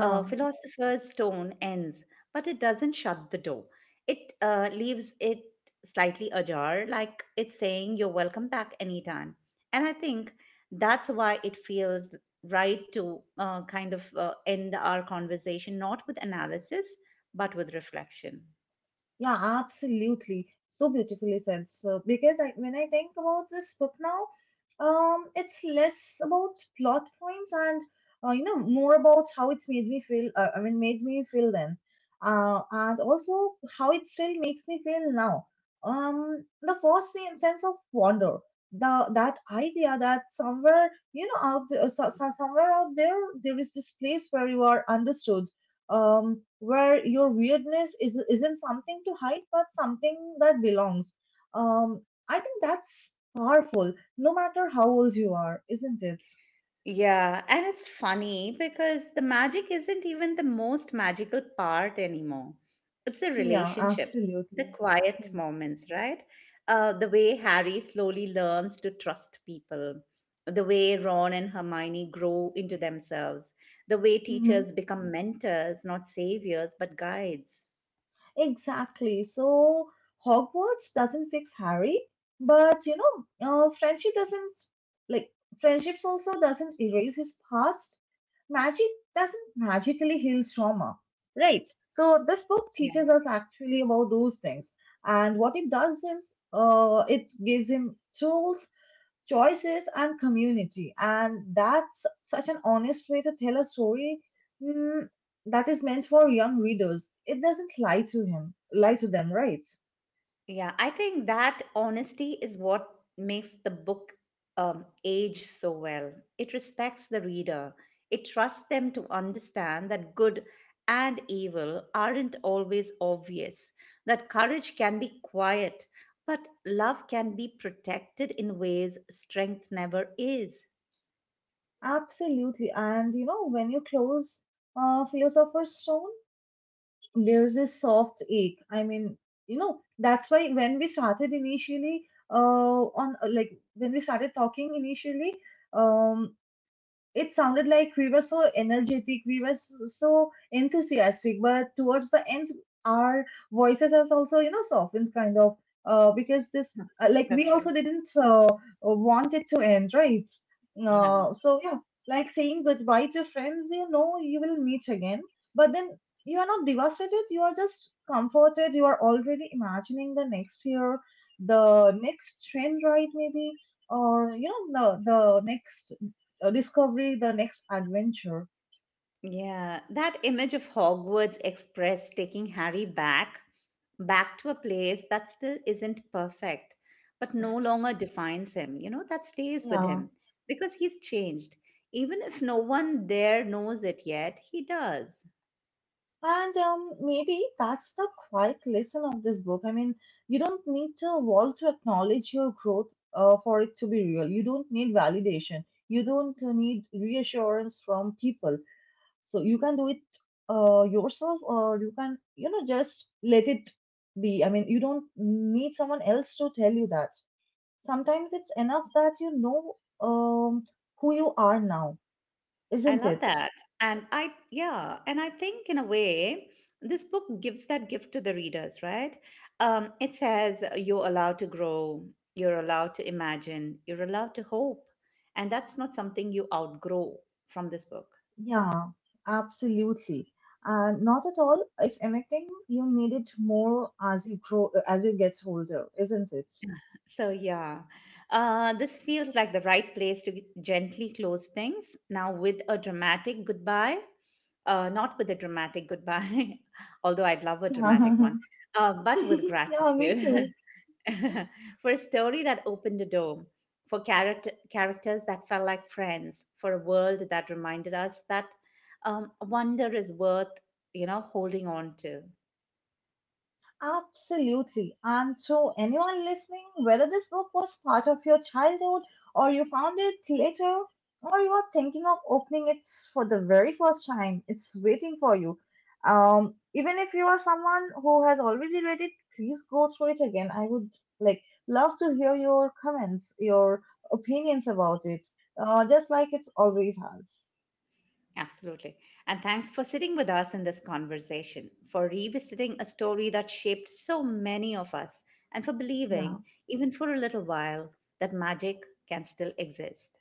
S1: uh, Philosopher's tone ends, but it doesn't shut the door. It uh, leaves it slightly ajar, like it's saying, "You're welcome back anytime." And I think that's why it feels right to uh, kind of uh, end our conversation, not with analysis, but with reflection.
S2: Yeah, absolutely. So beautifully said. So, because I, when I think about this book now, um, it's less about plot points and uh, you know more about how it made me feel. Uh, I mean, made me feel then, uh, and also how it still makes me feel now. Um, the first sen- sense of wonder, the that idea that somewhere you know out there, so, so- somewhere out there there is this place where you are understood, um, where your weirdness is isn't something to hide, but something that belongs. Um, I think that's powerful, no matter how old you are, isn't it?
S1: Yeah, and it's funny because the magic isn't even the most magical part anymore. It's the
S2: Yeah,
S1: relationships, the
S2: absolutely.
S1: quiet
S2: Hmm.
S1: moments, right? Uh, the way Harry slowly learns to trust people, the way Ron and Hermione grow into themselves, the way
S2: Mm-hmm.
S1: teachers become mentors, not saviors, but guides.
S2: Exactly. So Hogwarts doesn't fix Harry, but you know, uh, friendship doesn't like friendships also doesn't erase his past. Magic doesn't magically heal trauma, right? So this book teaches us actually about those things, and what it does is, uh, it gives him tools, choices and community, and that's such an honest way to tell a story mm, that is meant for young readers. It doesn't lie to him lie to them, right?
S1: Yeah, I think that honesty is what makes the book um, age so well. It respects the reader, it trusts them to understand that good and evil aren't always obvious, that courage can be quiet, but love can be protected in ways strength never is.
S2: Absolutely. And you know when you close uh, philosopher's stone, there's this soft ache. I mean, you know, that's why when we started initially, uh, on like when we started talking initially, um, it sounded like we were so energetic, we were s- so enthusiastic, but towards the end, our voices has also, you know, softened kind of, uh, because this, uh, like, we
S1: That's right.
S2: also didn't uh, want it to end, right?
S1: Yeah.
S2: Uh, so yeah, like saying goodbye to friends, you know, you will meet again, but then you are not devastated. You are just comforted. You are already imagining the next year, the next train ride, maybe, or you know, the the next uh, discovery, the next adventure.
S1: Yeah, that image of Hogwarts Express taking Harry back, back to a place that still isn't perfect, but no longer defines him, you know, that stays with
S2: Yeah.
S1: him because he's changed. Even if no one there knows it yet, he does.
S2: And um, maybe that's the quiet lesson of this book. I mean, you don't need to wall to acknowledge your growth uh, for it to be real. You don't need validation. You don't uh, need reassurance from people. So you can do it uh, yourself, or you can, you know, just let it be. I mean, you don't need someone else to tell you that. Sometimes it's enough that you know um, who you are now,
S1: I
S2: isn't
S1: love
S2: it?
S1: that. And I, yeah, and I think in a way, this book gives that gift to the readers, right? Um, it says uh, you're allowed to grow, you're allowed to imagine, you're allowed to hope. And that's not something you outgrow from this book.
S2: Yeah, absolutely. And not at all. If anything, you need it more as you grow, as you get older, isn't it?
S1: So, yeah, uh, this feels like the right place to g- gently close things now with a dramatic goodbye. Uh, not with a dramatic goodbye, although I'd love a dramatic
S2: Yeah.
S1: one, uh, but with
S2: Yeah, me
S1: gratitude.
S2: too.
S1: for a story that opened a door, for character, characters that felt like friends, for a world that reminded us that um, wonder is worth, you know, holding on to.
S2: Absolutely. And so, anyone listening, whether this book was part of your childhood or you found it later or you are thinking of opening it for the very first time, it's waiting for you. Um, even if you are someone who has already read it, please go through it again. I would like love to hear your comments, your opinions about it, uh, just like it always has.
S1: Absolutely. And thanks for sitting with us in this conversation, for revisiting a story that shaped so many of us, and for
S2: Yeah.
S1: believing, even for a little while, that magic can still exist.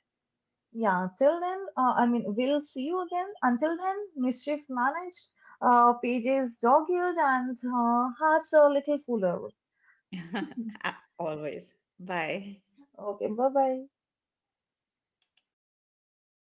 S2: Yeah, till then, uh, I mean, we'll see you again. Until then, mischief managed, uh, Paige's dog eared, and uh, hearts a little fuller.
S1: Always. Bye.
S2: Okay, bye bye.